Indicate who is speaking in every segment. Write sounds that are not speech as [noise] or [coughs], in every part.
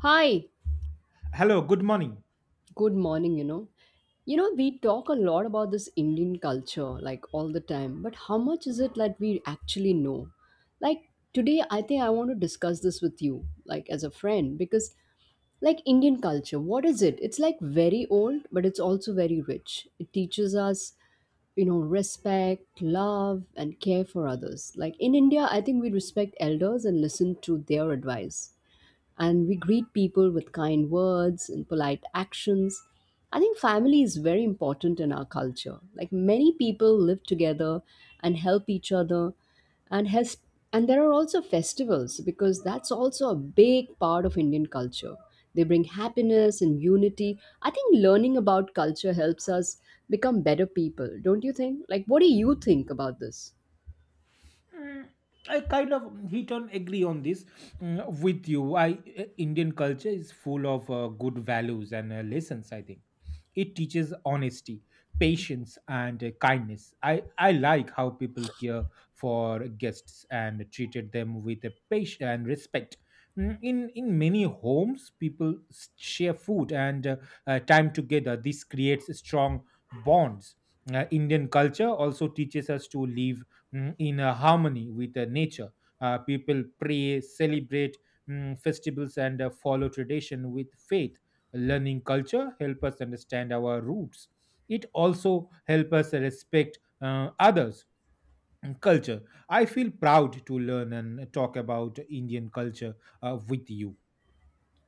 Speaker 1: Hi,
Speaker 2: Hello, good morning.
Speaker 1: good morning. You know, we talk a lot about this Indian culture like all the time, but how much is it that we actually know? Like today, I think I want to discuss this with you, like as a friend, because like Indian culture, what is it? It's like very old, but it's also very rich. It teaches us you know respect, love and care for others. Like in India, I think we respect elders and listen to their advice, and we greet people with kind words and polite actions. I think family is very important in our culture. Like many people live together and help each other, and has and there are also festivals because that's also a big part of Indian culture. They bring happiness and unity. I think learning about culture helps us become better people, don't you think? Like what do you think about this?
Speaker 2: Mm, I kind of he don't agree on this with you. I Indian culture is full of good values and lessons. I think it teaches honesty, patience, and kindness. I like how people care for guests and treated them with a patience and respect. In many homes, people share food and time together. This creates strong bonds. Indian culture also teaches us to live in a harmony with the nature. People pray, celebrate festivals, and follow tradition with faith. Learning culture help us understand our roots. It also help us respect others' and culture. I feel proud to learn and talk about Indian culture with you.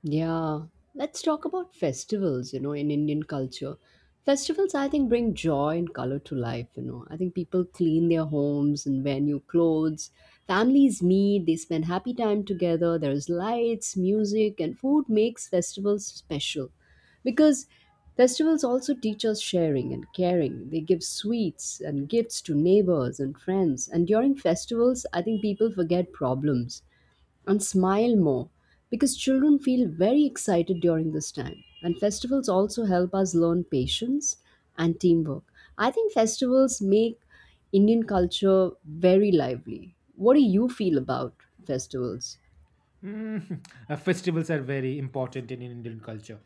Speaker 1: Yeah, let's talk about festivals, you know, in Indian culture. Festivals, I think, bring joy and color to life, you know. I think people clean their homes and wear new clothes. Families meet, they spend happy time together. There's lights, music, and food makes festivals special. Because festivals also teach us sharing and caring. They give sweets and gifts to neighbors and friends. And during festivals, I think people forget problems and smile more because children feel very excited during this time. And festivals also help us learn patience and teamwork. I think festivals make Indian culture very lively. What do you feel about festivals?
Speaker 2: [laughs] Festivals are very important in Indian culture,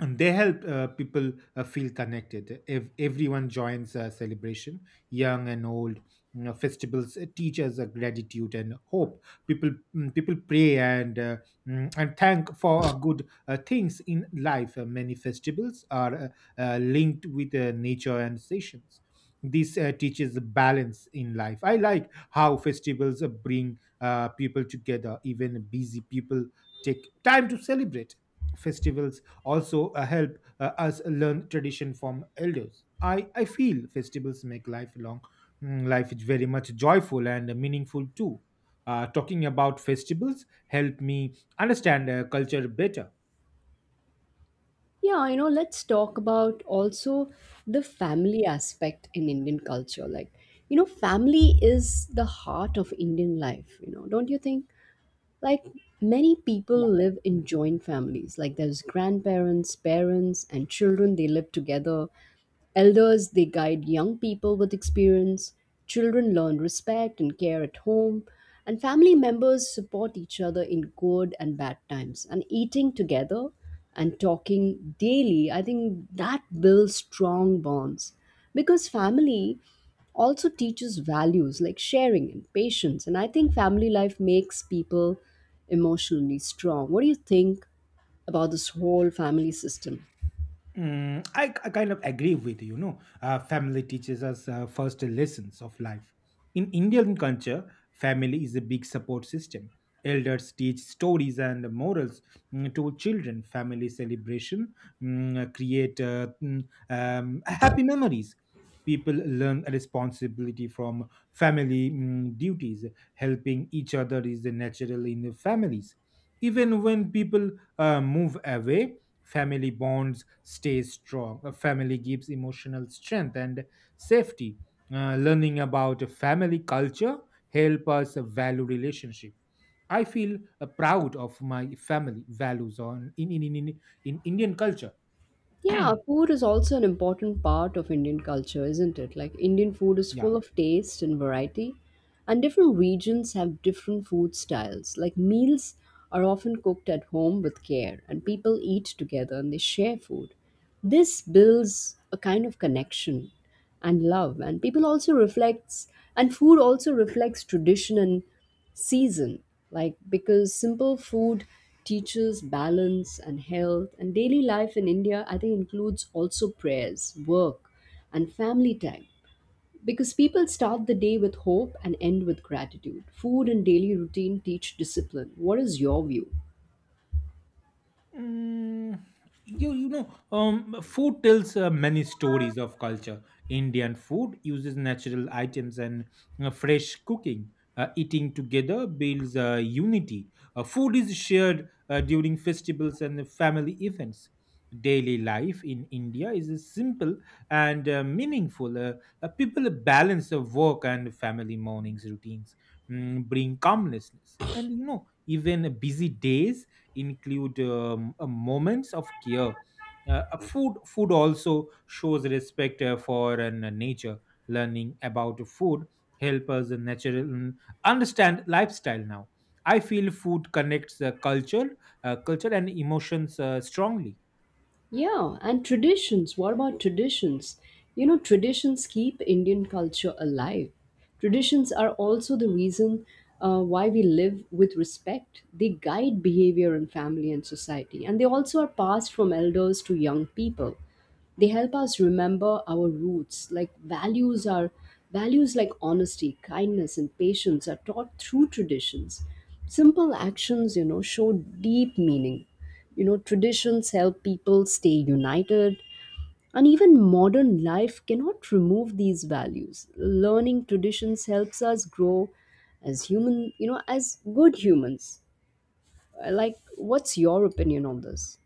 Speaker 2: and they help people feel connected if everyone joins a celebration, young and old. You know, festivals teach us gratitude and hope. People pray and and thank for good things in life. Many festivals are linked with nature and seasons. This teaches balance in life. I like how festivals bring people together. Even busy people take time to celebrate festivals, also help us learn tradition from elders. I feel festivals make lifelong. Life is very much joyful and meaningful too. Talking about festivals help me understand culture better.
Speaker 1: Yeah, you know, let's talk about also the family aspect in Indian culture. Like, you know, family is the heart of Indian life, you know, don't you think? Like many people
Speaker 2: Yeah.
Speaker 1: live
Speaker 2: Mhm.
Speaker 1: in joint families, like there's grandparents, parents, and children, they live together. Elders, they guide young people with experience. Children learn respect and care at home. And family members support each other in good and bad times. And eating together and talking daily, I think that builds strong bonds, because family also teaches values like sharing and patience. And I think family life makes people emotionally strong. What do you think about this whole family system?
Speaker 2: I kind of agree with you. Know, family teaches us first lessons of life. In Indian culture, family is a big support system. Elders teach stories and morals to children. Family celebration create happy memories. People learn responsibility from family duties. Helping each other is natural in families. Even when people move away, family bonds stay strong. A family gives emotional strength and safety. Learning about a family culture help us value relationship. I feel proud of my family values on in Indian culture.
Speaker 1: Yeah, food is also an important part of Indian culture, isn't it? Like, Indian food is
Speaker 2: Yeah.
Speaker 1: full of taste and variety, and different regions have different food styles. Like, meals are often cooked at home with care, and people eat together and they share food. This builds a kind of connection and love, and people also reflects, and food also reflects tradition and season, like because simple food teaches balance and health. And daily life in India, I think, includes also prayers, work and family time, because people start the day with hope and end with gratitude. Food and daily routine teach discipline. What is your view?
Speaker 2: Mm, you know, um, food tells many stories of culture. Indian food uses natural items and fresh cooking. Eating together builds unity. Food is shared during festivals and family events. Daily life in India is simple and meaningful. People balance of work and family. Mornings routines bring calmness, and you know, even busy days include moments of care. Food also shows respect for nature. Learning about food help us natural, understand lifestyle now. I feel food connects culture and emotions strongly.
Speaker 1: Yeah, and traditions. What about traditions? You know, traditions keep Indian culture alive. Traditions are also the reason why we live with respect. They guide behavior in family and society, and they also are passed from elders to young people. They help us remember our roots. Like values like honesty, kindness, and patience are taught through traditions. Simple actions, you know, show deep meaning. You know, traditions help people stay united, and even modern life cannot remove these values. Learning traditions helps us grow as human, you know, as good humans. I Like, what's your opinion on this?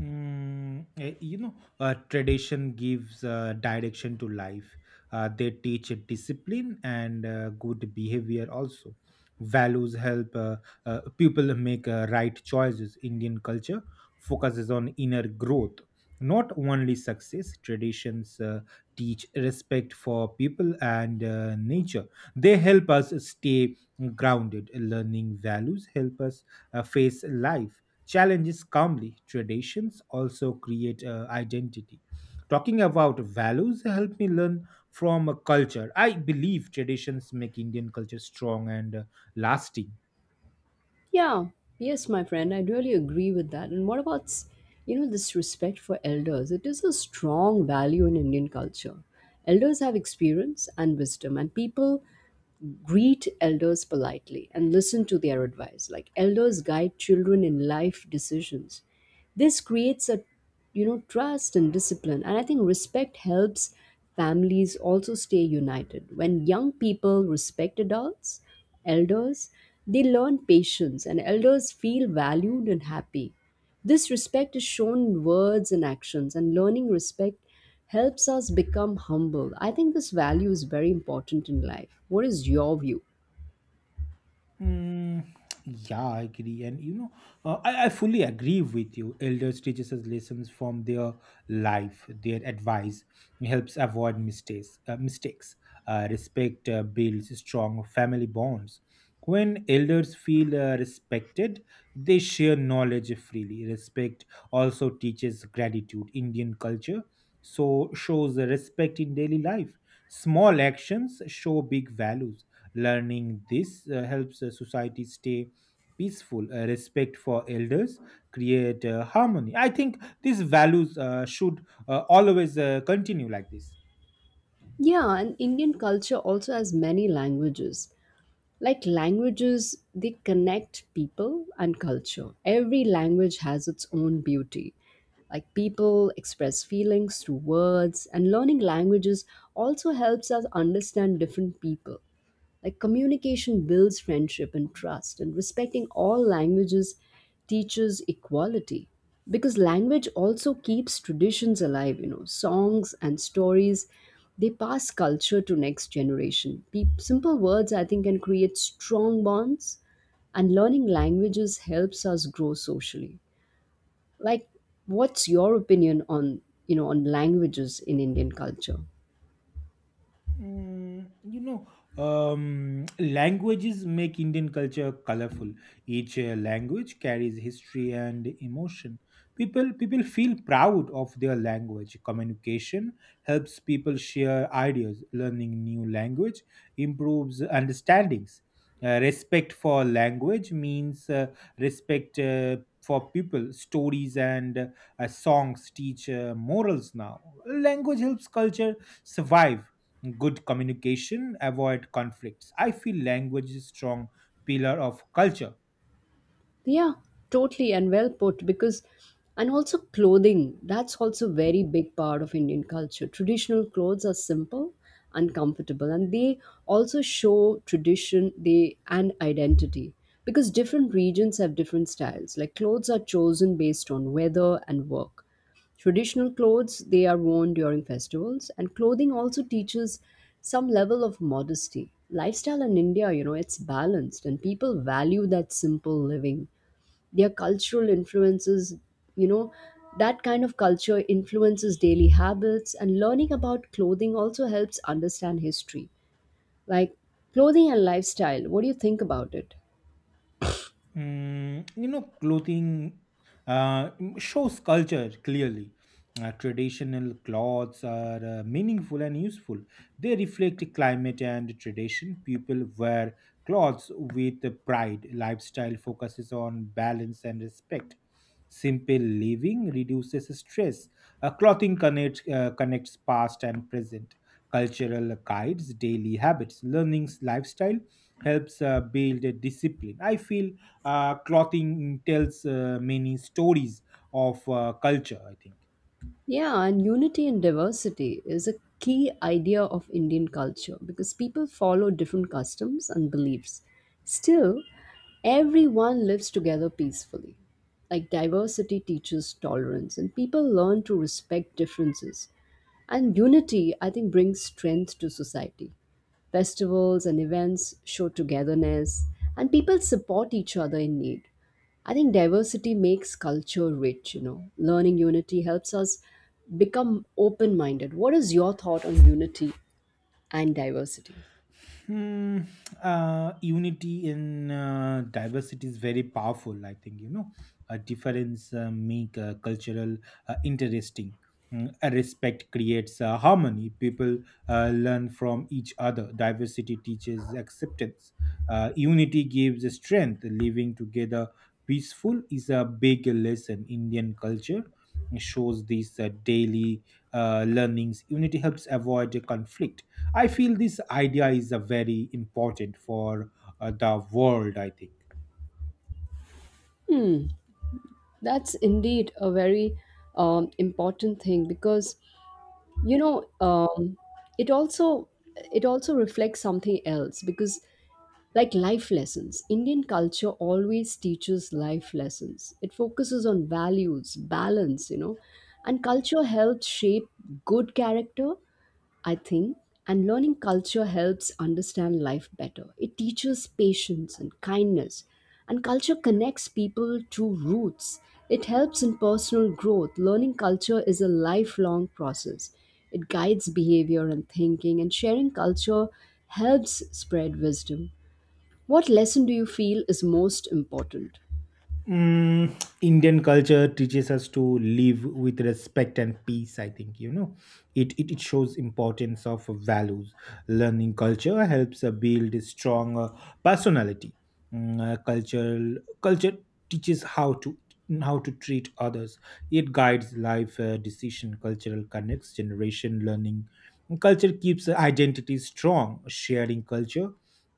Speaker 2: You know, tradition gives direction to life. They teach discipline and good behavior also. Values help people make right choices. Indian culture focuses on inner growth, not only success. Traditions teach respect for people and nature. They help us stay grounded. Learning values help us face life challenges calmly. Traditions also create identity. Talking about values helped me learn from a culture. I believe traditions make Indian culture strong and lasting.
Speaker 1: Yeah, yes, my friend, I really agree with that. And what about, you know, this respect for elders? It is a strong value in Indian culture. Elders have experience and wisdom, and people greet elders politely and listen to their advice. Like elders guide children in life decisions. This creates a, you know, trust and discipline. And I think respect helps families also stay united. When young people respect adults, elders, they learn patience, and elders feel valued and happy. This respect is shown in words and actions, and learning respect helps us become humble. I think this value is very important in life. What is your view?
Speaker 2: Mm, yeah, I agree, and you know, I fully agree with you. Elders teaches us lessons from their life. Their advice helps avoid mistakes. Respect builds strong family bonds. When elders feel respected, they share knowledge freely. Respect also teaches gratitude. Indian culture so shows respect in daily life. Small actions show big values. Learning this helps society stay peaceful, respect for elders, create harmony. I think these values should always continue like this.
Speaker 1: Yeah, and Indian culture also has many languages. Like languages, they connect people and culture. Every language has its own beauty. Like people express feelings through words, and learning languages also helps us understand different people. Like communication builds friendship and trust, and respecting all languages teaches equality. Because language also keeps traditions alive, you know, songs and stories, they pass culture to next generation. Simple words, I think, can create strong bonds, and learning languages helps us grow socially. Like, what's your opinion on, you know, on languages in Indian culture?
Speaker 2: You know, languages make Indian culture colorful. Each language carries history and emotion. People feel proud of their language. Communication helps people share ideas. Learning new language improves understandings. Respect for language means respect for people. Stories and songs teach morals now. Language helps culture survive. Good communication avoid conflicts. I feel language is a strong pillar of culture.
Speaker 1: Yeah, totally and well put. Because and also clothing, that's also very big part of Indian culture. Traditional clothes are simple and comfortable, and they also show tradition they and identity, because different regions have different styles. Like clothes are chosen based on weather and work. Traditional clothes, they are worn during festivals, and clothing also teaches some level of modesty. Lifestyle in India, you know, it's balanced, and people value that simple living. Their cultural influences, you know, that kind of culture influences daily habits, and learning about clothing also helps understand history. Like clothing and lifestyle, what do you think about it?
Speaker 2: You know, clothing uh, shows culture clearly. Traditional clothes are meaningful and useful. They reflect the climate and tradition. People wear clothes with pride. Lifestyle focuses on balance and respect. Simple living reduces stress. Clothing connects past and present. Cultural guides daily habits. Learning's lifestyle helps build a discipline. I feel clothing tells many stories of culture, I think.
Speaker 1: Yeah, and unity and diversity is a key idea of Indian culture, because people follow different customs and beliefs. Still, everyone lives together peacefully. Like diversity teaches tolerance, and people learn to respect differences. And unity, I think, brings strength to society. Festivals and events show togetherness, and people support each other in need. I think diversity makes culture rich, you know. Learning unity helps us become open minded. What is your thought on unity and diversity?
Speaker 2: Hmm, Unity in diversity is very powerful. I think, you know, a difference make cultural interesting. A respect creates harmony. People learn from each other. Diversity teaches acceptance. Unity gives strength. Living together peaceful is a big lesson. Indian culture shows these daily learnings. Unity helps avoid a conflict. I feel this idea is a very important for the world, I think.
Speaker 1: That's indeed a very important thing, because you know it also, it also reflects something else. Because like life lessons, Indian culture always teaches life lessons. It focuses on values, balance, you know, and culture helps shape good character, I think. And learning culture helps understand life better. It teaches patience and kindness, and culture connects people to roots. It helps in personal growth. Learning culture is a lifelong process. It guides behavior and thinking, and sharing culture helps spread wisdom. What lesson do you feel is most important?
Speaker 2: Mm, Indian culture teaches us to live with respect and peace. I think, you know, it. It shows importance of values. Learning culture helps build a strong personality. Mm, cultural Culture teaches how to treat others. It guides life decision. Cultural connects generation learning. Culture keeps identity strong. Sharing culture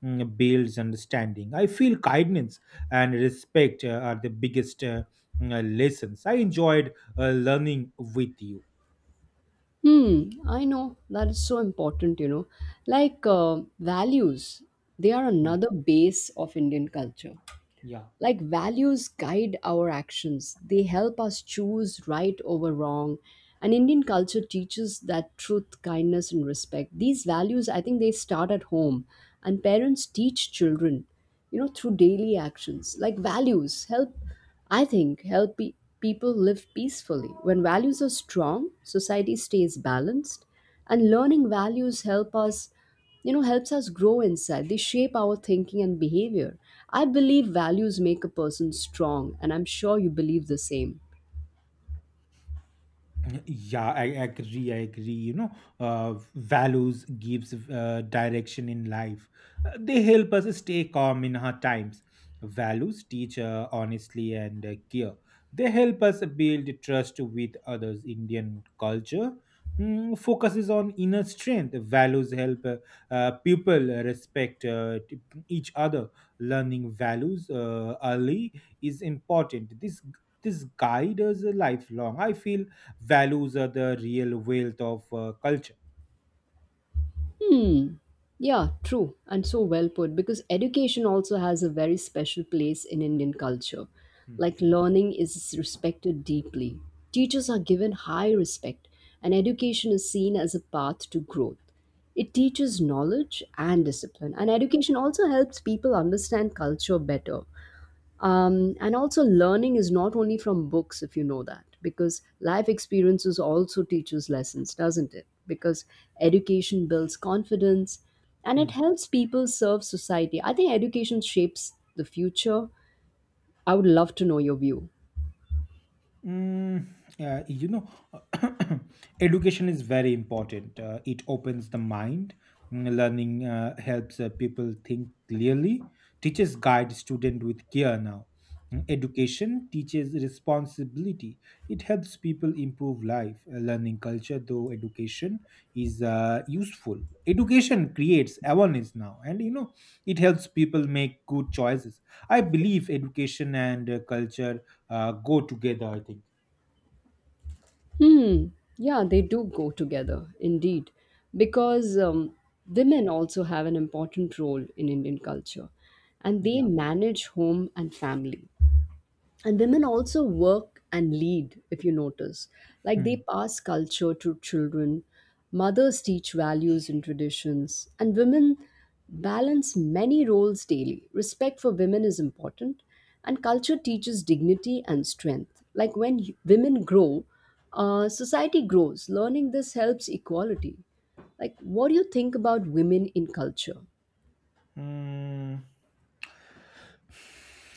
Speaker 2: builds understanding. I feel kindness and respect are the biggest lessons. I enjoyed learning with you.
Speaker 1: Hmm, I know that is so important, you know. Like values, they are
Speaker 2: Mm.
Speaker 1: another base of Indian culture.
Speaker 2: Yeah.
Speaker 1: Like values guide our actions, they help us choose right over wrong. And Indian culture teaches that truth, kindness and respect, these values, I think, they start at home, and parents teach children, you know, through daily actions. Like values help, I think help people live peacefully. When values are strong, society stays balanced, and learning values help us, you know, helps us grow inside. They shape our thinking and behavior. I believe values make a person strong, and I'm sure you believe the same.
Speaker 2: Yeah, I agree. I agree. You know, values gives direction in life. They help us stay calm in hard times. Values teach honestly and care. They help us build trust with others. Indian culture focuses on inner strength. Values help people respect each other. Learning values early is important. This guide us lifelong. I feel values are the real wealth of culture.
Speaker 1: Hmm, yeah, true and so well put, because education also has a very special place in Indian culture. Like
Speaker 2: Hmm.
Speaker 1: learning is respected deeply, teachers are given high respect, and education is seen as a path to growth. It teaches knowledge and discipline, and education also helps people understand culture better. And also, learning is not only from books, if you know that, because life experiences also teaches lessons, doesn't it? Because education builds confidence, and
Speaker 2: Hmm.
Speaker 1: it helps people serve society. I think education shapes the future. I would love to know your view.
Speaker 2: Mm, you know, [coughs] education is very important. It opens the mind. Learning helps people think clearly. Teachers guide student with care now. Education teaches responsibility. It helps people improve life. A learning culture, though education is useful. Education creates awareness now, and you know, it helps people make good choices. I believe education and culture go together, I think.
Speaker 1: Hmm. Yeah, they do go together, indeed, because women also have an important role in Indian culture, and
Speaker 2: Yeah.
Speaker 1: they manage home and family. And women also work and lead, if you notice. Like they
Speaker 2: Hmm.
Speaker 1: pass culture to children, mothers teach values and traditions, and women balance many roles daily. Respect for women is important, and culture teaches dignity and strength. Like when women grow, society grows. Learning this helps equality. Like, what do you think about women in culture?
Speaker 2: Mm,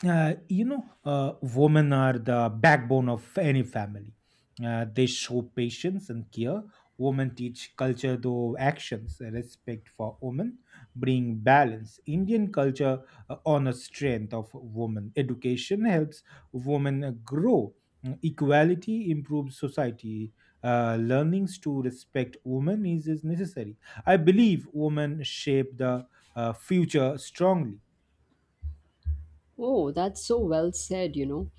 Speaker 2: you know, women are the backbone of any family. They show patience and care. Women teach culture through actions. Respect for women bring balance. Indian culture honors strength of women. Education helps women grow. Equality improves society. Learnings to respect women is necessary. I believe women shape the future strongly.
Speaker 1: Oh, that's so well said, you know.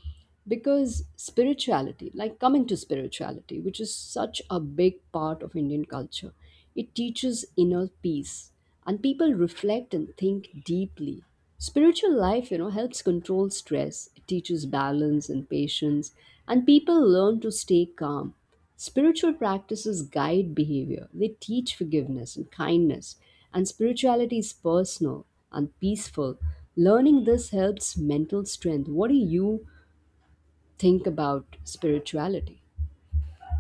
Speaker 1: Because spirituality, like coming to spirituality, which is such a big part of Indian culture, it teaches inner peace, and people reflect and think deeply. Spiritual life, you know, helps control stress, it teaches balance and patience, and people learn to stay calm. Spiritual practices guide behavior, they teach forgiveness and kindness, and spirituality is personal and peaceful. Learning this helps mental strength. What do you think about spirituality?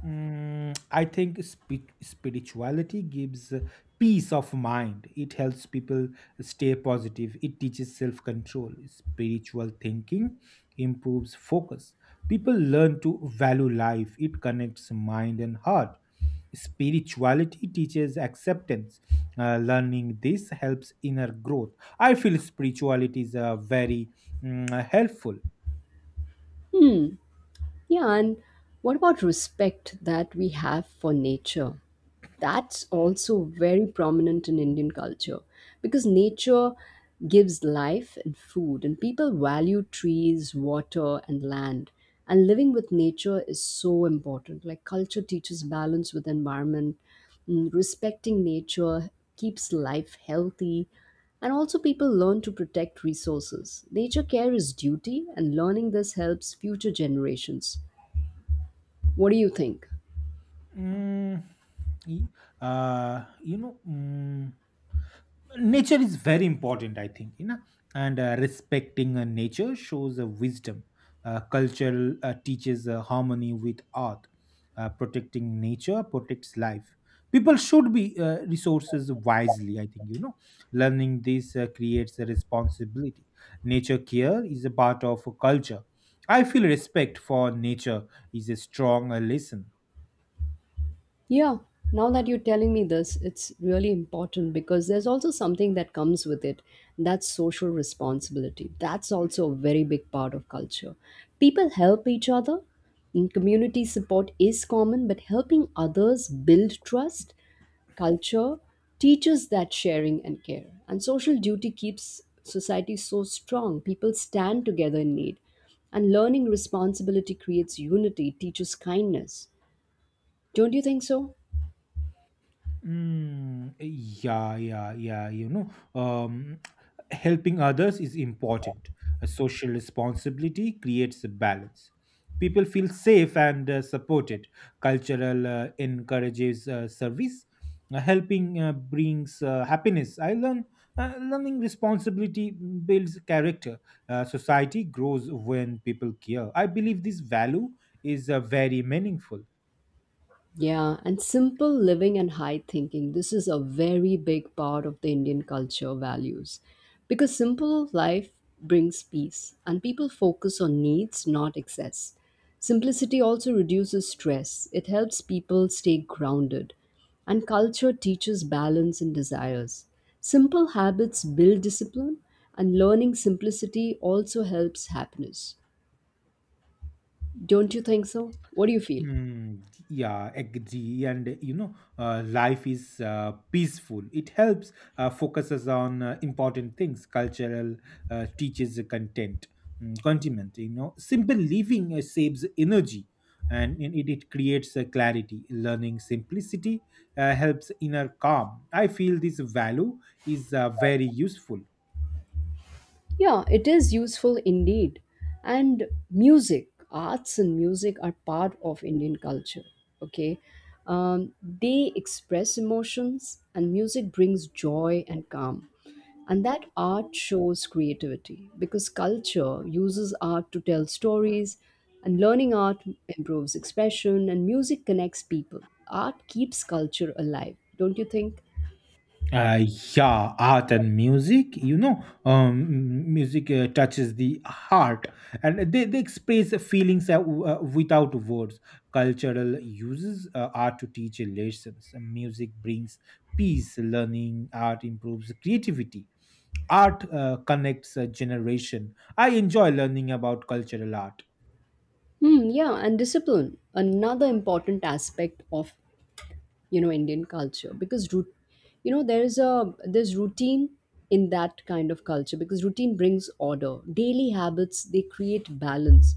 Speaker 2: I think spirituality gives peace of mind. It helps people stay positive. It teaches self control. Spiritual thinking improves focus. People learn to value life. It connects mind and heart. Spirituality teaches acceptance. Learning this helps inner growth. I feel spirituality is very helpful.
Speaker 1: Yeah, and what about respect that we have for nature? That's also very prominent in Indian culture, because nature gives life and food, and people value trees, water, and land. And living with nature is so important. Like culture teaches balance with environment. Respecting nature keeps life healthy, and also people learn to protect resources. Nature care is duty, and learning this helps future generations. What do you think?
Speaker 2: Mm, Y- you know, nature is very important, I think, you know, and respecting nature shows wisdom. Culture teaches harmony with earth. Protecting nature protects life. People should be resources wisely, I think, you know. Learning this creates a responsibility. Nature care is a part of a culture. I feel respect for nature is a strong lesson.
Speaker 1: Yeah, now that you're telling me this, it's really important because there's also something that comes with it. That's social responsibility. That's also a very big part of culture. People help each other, and community support is common, but helping others build trust, culture teaches that sharing and care. And social duty keeps society so strong. People stand together in need. And learning responsibility creates unity, teaches kindness. Don't you think so?
Speaker 2: Yeah, yeah, yeah. You know, um, helping others is important. A social responsibility creates a balance. People feel safe and supported. Cultural encourages service. Helping brings happiness. I learn Learning responsibility builds character. Society grows when people care. I believe this value is very meaningful.
Speaker 1: Yeah, and simple living and high thinking. This is a very big part of the Indian culture values because simple life brings peace and people focus on needs, not excess. Simplicity also reduces stress, it helps people stay grounded, and culture teaches balance and desires. Simple habits build discipline, and learning simplicity also helps happiness. Don't you think so? What do you feel?
Speaker 2: Mm, yeah, agree. And you know, life is peaceful. It helps focuses on important things. Cultural teaches the content, continent. You know, simple living saves energy, and in it it creates clarity. Learning simplicity helps inner calm. I feel this value is very useful.
Speaker 1: Yeah, it is useful indeed. And music, arts and music are part of Indian culture. Okay. They express emotions, and music brings joy and calm. And that art shows creativity because culture uses art to tell stories, and learning art improves expression, and music connects people. Art keeps culture alive, don't you think?
Speaker 2: Uh, yeah, art and music, you know, music touches the heart, and they express feelings without words. Cultural uses art to teach lessons. Music brings peace, learning, art improves creativity. Art connects a generation. I enjoy learning about cultural art.
Speaker 1: Hmm, yeah, and discipline, another important aspect of, you know, Indian culture. Because root, you know, there is a there's routine in that kind of culture, because routine brings order, daily habits they create balance,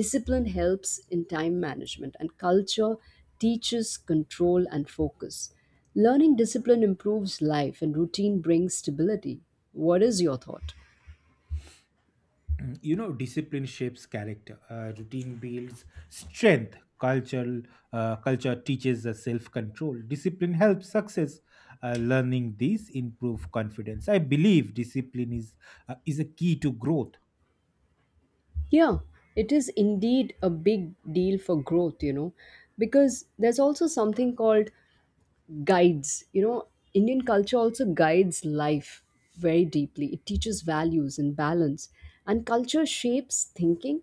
Speaker 1: discipline helps in time management, and culture teaches control and focus. Learning discipline improves life, and routine brings stability. What is your thought?
Speaker 2: You know, discipline shapes character. Routine builds strength. Cultural Culture teaches us self-control. Discipline helps success. Learning this improve confidence. I believe discipline is a key to growth.
Speaker 1: Yeah, it is indeed a big deal for growth, you know, because there's also something called guides, you know. Indian culture also guides life very deeply. It teaches values and balance, and culture shapes thinking,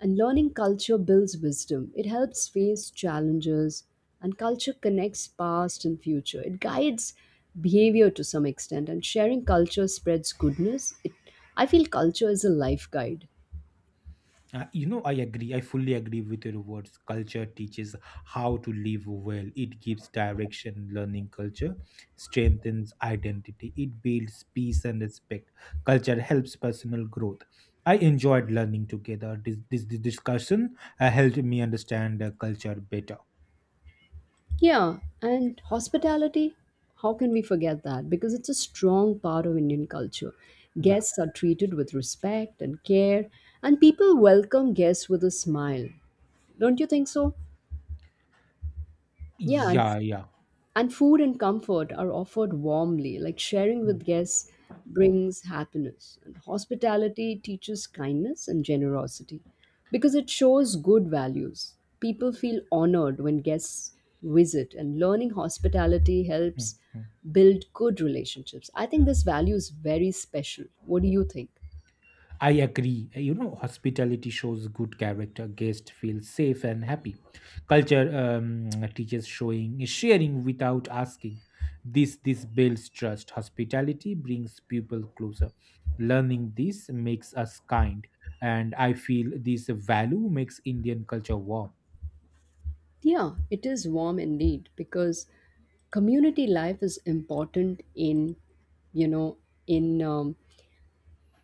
Speaker 1: and learning culture builds wisdom. It helps face challenges, and culture connects past and future. It guides behavior to some extent, and sharing culture spreads goodness. It, I feel culture is a life guide.
Speaker 2: You know, I agree. I fully agree with your words. Culture teaches how to live well. It gives direction. Learning culture strengthens identity. It builds peace and respect. Culture helps personal growth. I enjoyed learning together. This discussion helped me understand culture better.
Speaker 1: Yeah, and hospitality, how can we forget that? Because it's a strong part of Indian culture.
Speaker 2: Yeah,
Speaker 1: Guests are treated with respect and care, and people welcome guests with a smile. Don't you think so? Yeah, and
Speaker 2: yeah, yeah.
Speaker 1: food and comfort are offered warmly, like sharing
Speaker 2: Mm,
Speaker 1: with guests brings happiness. And hospitality teaches kindness and generosity because it shows good values. People feel honored when guests visit, and learning hospitality
Speaker 2: mm,
Speaker 1: helps
Speaker 2: mm.
Speaker 1: build good relationships. I think this value is very special. What do you think?
Speaker 2: I agree. Hospitality shows good character. Guests feel safe and happy. Culture [tsk] teaches showing sharing without asking. This builds trust. Hospitality brings people closer. Learning this makes us kind, and I feel this value makes Indian culture warm.
Speaker 1: Yeah, it is warm indeed, because community life is important in, you know, in um,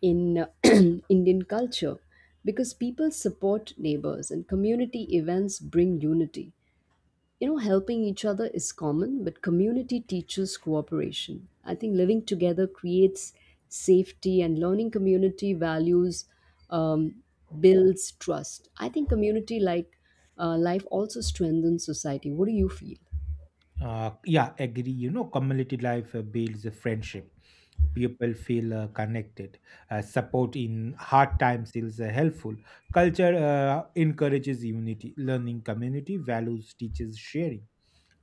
Speaker 1: in [clears throat] Indian culture, because people support neighbors and community events bring unity. You know, helping each other is common, but community teaches cooperation. I think living together creates safety, and learning community values um, builds trust. I think community life also strengthens society. What do you feel?
Speaker 2: Yeah, agree. You know, community life builds a friendship. People feel connected. Support in hard times is helpful. Culture encourages unity. Learning community values teaches sharing.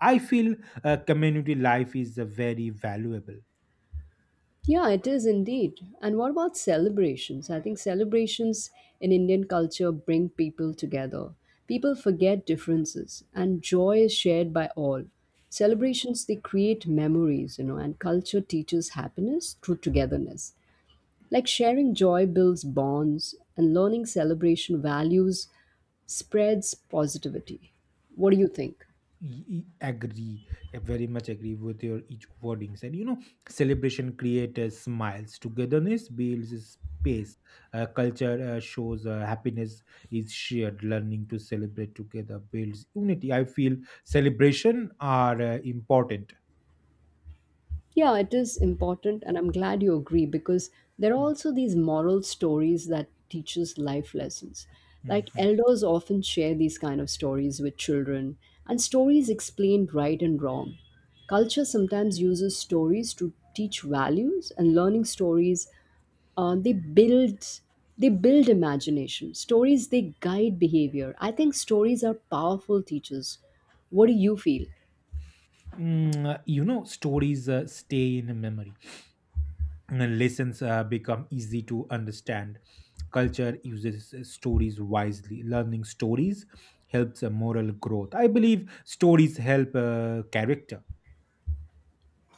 Speaker 2: I feel community life is very valuable.
Speaker 1: Yeah, it is indeed. And what about celebrations? I think celebrations in Indian culture bring people together. People forget differences, and joy is shared by all. Celebrations, they create memories, you know, and culture teaches happiness through togetherness. Like sharing joy builds bonds, and learning celebration values spreads positivity. What do you think?
Speaker 2: Y- Agree. I very much agree with your each wordings, and you know, celebration creates smiles, togetherness builds space. Culture shows happiness is shared. Learning to celebrate together builds unity. I feel celebration are important.
Speaker 1: Yeah, it is important, and I'm glad you agree, because there are
Speaker 2: Mm,
Speaker 1: also these moral stories that teaches life lessons.
Speaker 2: mm,
Speaker 1: Like
Speaker 2: mm.
Speaker 1: elders often share these kind of stories with children, and stories explain right and wrong. Culture sometimes uses stories to teach values, and learning stories uh, they build they build imagination. Stories they guide behavior. I think stories are powerful teachers. What do you feel?
Speaker 2: Mm, you know, stories stay in memory, and lessons become easy to understand. Culture uses stories wisely. Learning stories helps moral growth. I believe stories help character.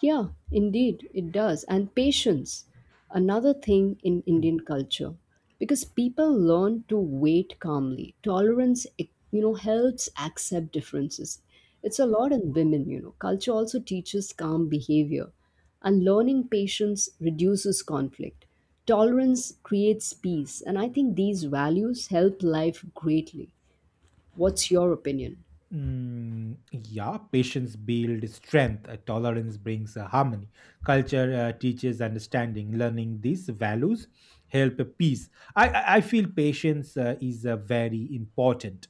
Speaker 1: Yeah, indeed, it does. And patience, another thing in Indian culture, because people learn to wait calmly. Tolerance, it, you know, helps accept differences. It's a lot in women, you know. Culture also teaches calm behavior, and learning patience reduces conflict. Tolerance creates peace, and I think these values help life greatly. What's your opinion?
Speaker 2: Mm, yeah, patience builds strength. Tolerance brings harmony. Culture teaches understanding. Learning these values help peace. I feel patience is very important.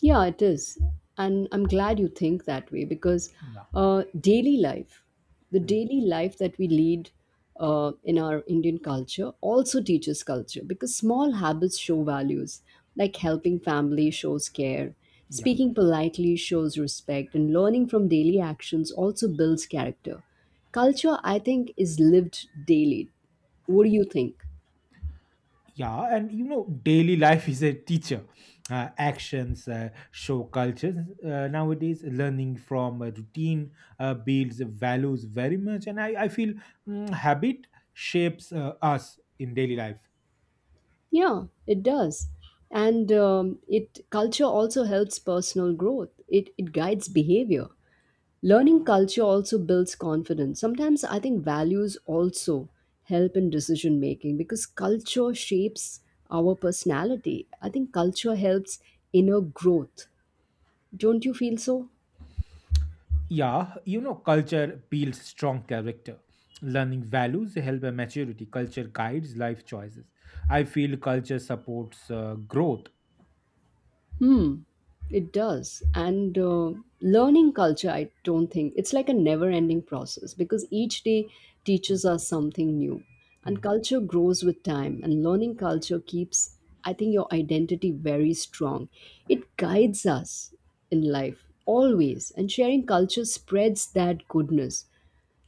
Speaker 1: Yeah, it is. And I'm glad you think that way, because
Speaker 2: Yeah.
Speaker 1: uh, daily life, the
Speaker 2: Mm.
Speaker 1: daily life that we lead in our Indian culture, also teaches culture, because small habits show values, like helping family shows care,
Speaker 2: Yeah.
Speaker 1: speaking politely shows respect, and learning from daily actions also builds character. Culture, I think, is lived daily. What do you think?
Speaker 2: Yeah, and you know, daily life is a teacher. Actions show cultures. Nowadays, learning from a routine builds values very much, and I feel habit shapes us in daily life.
Speaker 1: Yeah, it does. And it culture also helps personal growth. It guides behavior. Learning culture also builds confidence. Sometimes I think values also help in decision making, because culture shapes our personality. I think culture helps inner growth. Don't you feel so?
Speaker 2: Yeah, you know, culture builds strong character. Learning values help a maturity. Culture guides life choices. I feel culture supports growth.
Speaker 1: Hmm, it does. And learning culture, I don't think it's like a never ending process, because each day
Speaker 2: Hmm.
Speaker 1: teaches us something new. And
Speaker 2: Hmm.
Speaker 1: culture grows with time, and learning culture keeps, I think, your identity very strong. It guides us in life always, and sharing culture spreads that goodness.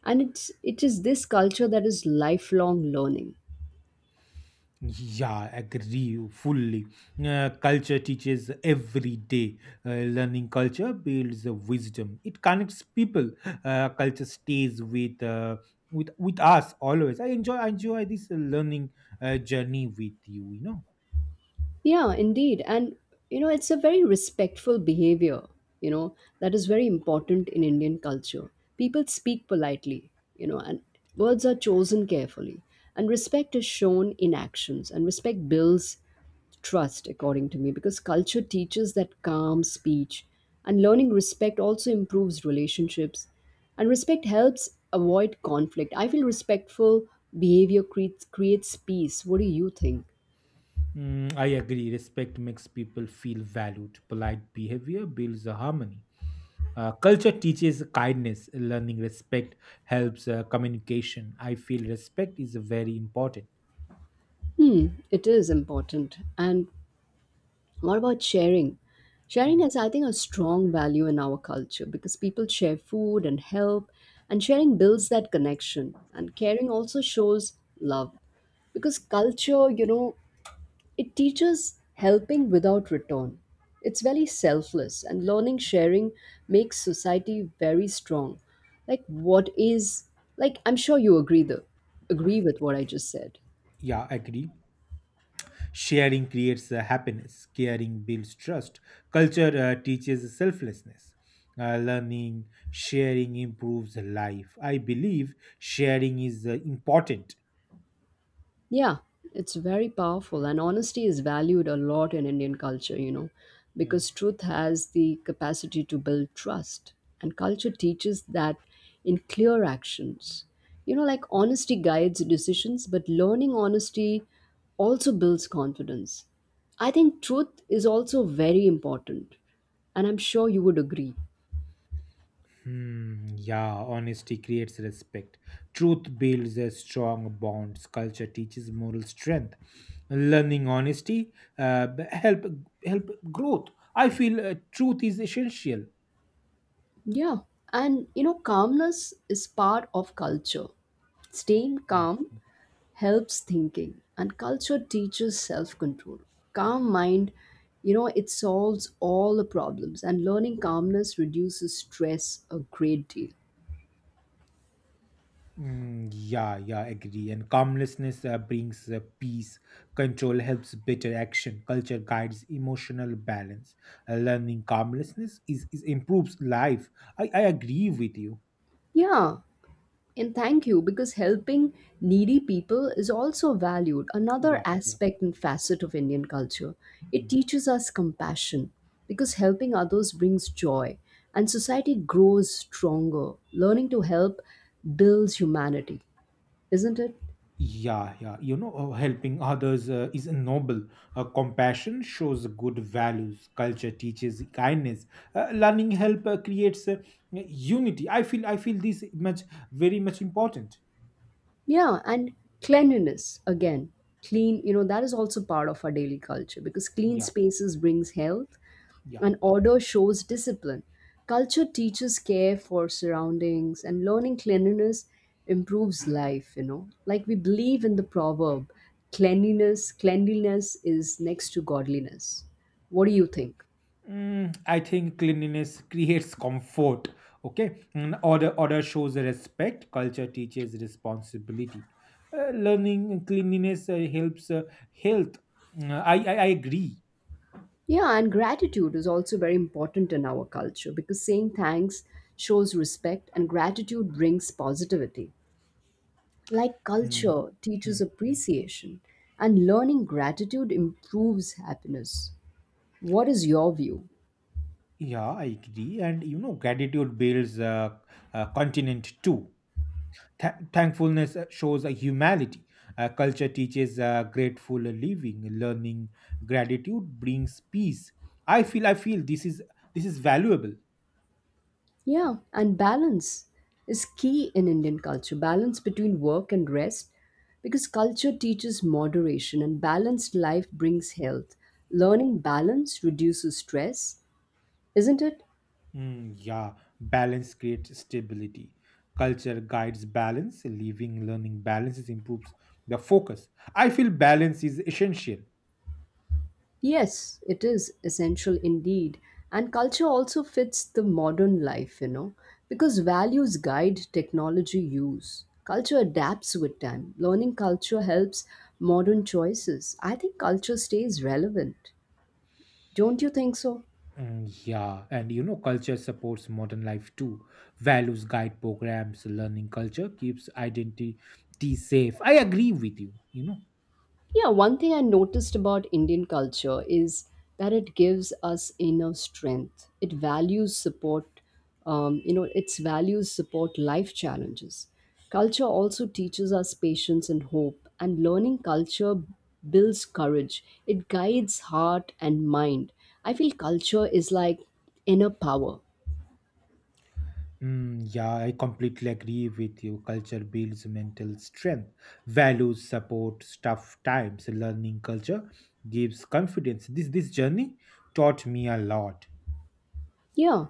Speaker 1: It is this culture that is lifelong learning.
Speaker 2: Yeah, agree fully. Culture teaches every day. Learning culture builds wisdom. It connects people. Culture stays with us always. I enjoy this learning journey with you. You know.
Speaker 1: Yeah, indeed. And, you know, it's a very respectful behavior, you know, that is very important in Indian culture. People speak politely, you know, and words are chosen carefully. And respect is shown in actions, and respect builds trust, according to me, because culture teaches that calm speech. And learning respect also improves relationships. And respect helps avoid conflict. I feel respectful behavior creates peace. What do you think?
Speaker 2: Mm, I agree. Respect makes people feel valued. Polite behavior builds a harmony. Culture teaches kindness. Learning respect helps communication. I feel respect is very important.
Speaker 1: Hmm, it is important. And what about sharing? Sharing
Speaker 2: Hmm.
Speaker 1: has, I think, a strong value in our culture, because people share food and help, and sharing builds that connection. And caring also shows love, because culture, you know, it teaches helping without return. It's very selfless, and learning sharing makes society very strong. Like, what is, I'm sure you agree, though, agree with what I just said.
Speaker 2: Yeah, agree. Sharing creates happiness. Caring builds trust. Culture teaches selflessness. Learning, sharing improves life. I believe sharing is important.
Speaker 1: Yeah, it's very powerful, and honesty is valued a lot in Indian culture, you know,
Speaker 2: Mm.
Speaker 1: because truth has the capacity to build trust, and culture teaches that in clear actions. You know, like honesty guides decisions, but learning honesty also builds confidence. I think truth is also very important, and I'm sure you would agree.
Speaker 2: Hmm, yeah, honesty creates respect. Truth builds a strong bonds. Culture teaches moral strength. Learning honesty help help growth. I feel truth is essential.
Speaker 1: Yeah, and you know, calmness is part of culture. Staying calm helps thinking, and culture teaches self-control. Calm mind, you know, it solves all the problems, and learning calmness reduces stress a great deal.
Speaker 2: Mm, yeah, yeah, agree. And calmlessness brings peace. Control helps better action. Culture guides emotional balance. Learning calmlessness is improves life. I agree with you.
Speaker 1: Yeah, and thank you, because helping needy people is also valued, another
Speaker 2: Yeah, yeah.
Speaker 1: aspect and facet of Indian culture. It
Speaker 2: Mm.
Speaker 1: teaches us compassion, because helping others brings joy and society grows stronger. Learning to help builds humanity, isn't it?
Speaker 2: Yeah, yeah. You know, helping others is noble. Compassion shows good values. Culture teaches kindness. Learning help creates unity. I feel this much very much important.
Speaker 1: Yeah, and cleanliness again. Clean, you know, that is also part of our daily culture, because clean
Speaker 2: Yeah,
Speaker 1: spaces brings health
Speaker 2: yeah.
Speaker 1: and order shows discipline. Culture teaches care for surroundings, and learning cleanliness improves life, you know. Like we believe in the proverb, cleanliness is next to godliness. What do you think?
Speaker 2: Mm, I think cleanliness creates comfort. Okay. Mm, order shows respect. Culture teaches responsibility. Learning cleanliness helps health. Mm, I agree.
Speaker 1: Yeah, and gratitude is also very important in our culture, because saying thanks shows respect and gratitude brings positivity. Like
Speaker 2: Mm,
Speaker 1: culture teaches
Speaker 2: mm, mm.
Speaker 1: appreciation, and learning gratitude improves happiness. What is your view?
Speaker 2: Yeah, I agree. And you know, gratitude builds continent too. Thankfulness shows a humanity. Culture teaches grateful living. Learning gratitude brings peace. I feel this is valuable.
Speaker 1: Yeah, and balance is key in Indian culture, balance between work and rest, because culture teaches moderation and balanced life brings health. Learning balance reduces stress, isn't it?
Speaker 2: Mm, yeah, balance creates stability. Culture guides balance. Living, learning balances improves the focus. I feel balance is essential.
Speaker 1: Yes, it is essential indeed. And culture also fits the modern life, you know, because values guide technology use. Culture adapts with time. Learning culture helps modern choices. I think culture stays relevant. Don't you think so?
Speaker 2: Mm, yeah, and you know, culture supports modern life too. Values guide programs. Learning culture keeps identity safe. I agree with you. You know.
Speaker 1: Yeah, one thing I noticed about Indian culture is that it gives us inner strength. It values support, you know, its values support life challenges. Culture also teaches us patience and hope, and learning culture builds courage. It guides heart and mind. I feel culture is like inner power.
Speaker 2: Mm, yeah, I completely agree with you. Culture builds mental strength, values support tough times. Learning culture gives confidence. This journey taught me a lot.
Speaker 1: Yeah,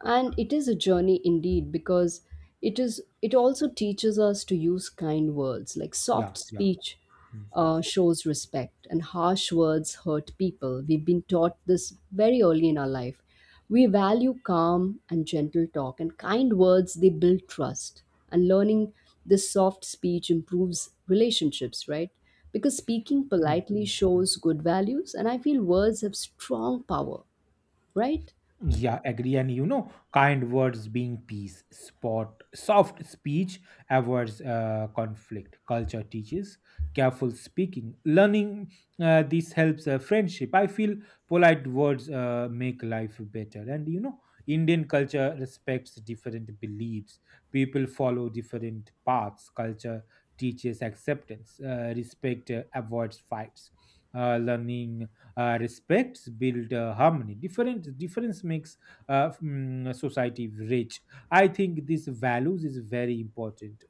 Speaker 1: and it is a journey indeed, because it also teaches us to use kind words, like
Speaker 2: Yeah,
Speaker 1: soft
Speaker 2: yeah.
Speaker 1: speech
Speaker 2: Mm.
Speaker 1: shows respect and harsh words hurt people. We've been taught this very early in our life. We value calm and gentle talk, and kind words they build trust, and learning this soft speech improves relationships, right? Because speaking
Speaker 2: Mm,
Speaker 1: politely
Speaker 2: mm.
Speaker 1: shows good values, and I feel words have strong power, right?
Speaker 2: Yeah, agree. And you know, kind words being peace, spot, soft speech avoids conflict. Culture teaches careful speaking. Learning this helps friendship. I feel polite words make life better. And you know, Indian culture respects different beliefs. People follow different paths. Culture teaches acceptance. Respect avoids fights. Learning respects build harmony. Different Difference makes society rich. I think these values is very important.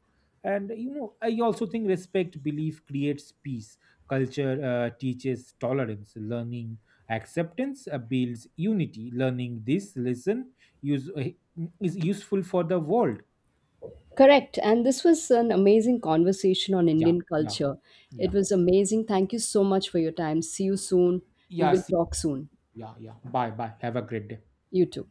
Speaker 2: And you know, I also think respect belief creates peace. Culture teaches tolerance. Learning acceptance builds unity. Learning this lesson use, uh, is useful for the world.
Speaker 1: Correct. And this was an amazing conversation on
Speaker 2: Yeah,
Speaker 1: Indian
Speaker 2: yeah,
Speaker 1: culture. It
Speaker 2: yeah.
Speaker 1: was amazing. Thank you so much for your time. See you soon. We
Speaker 2: Yeah,
Speaker 1: will
Speaker 2: see.
Speaker 1: talk soon.
Speaker 2: Yeah, yeah, bye bye, have a great day.
Speaker 1: You too.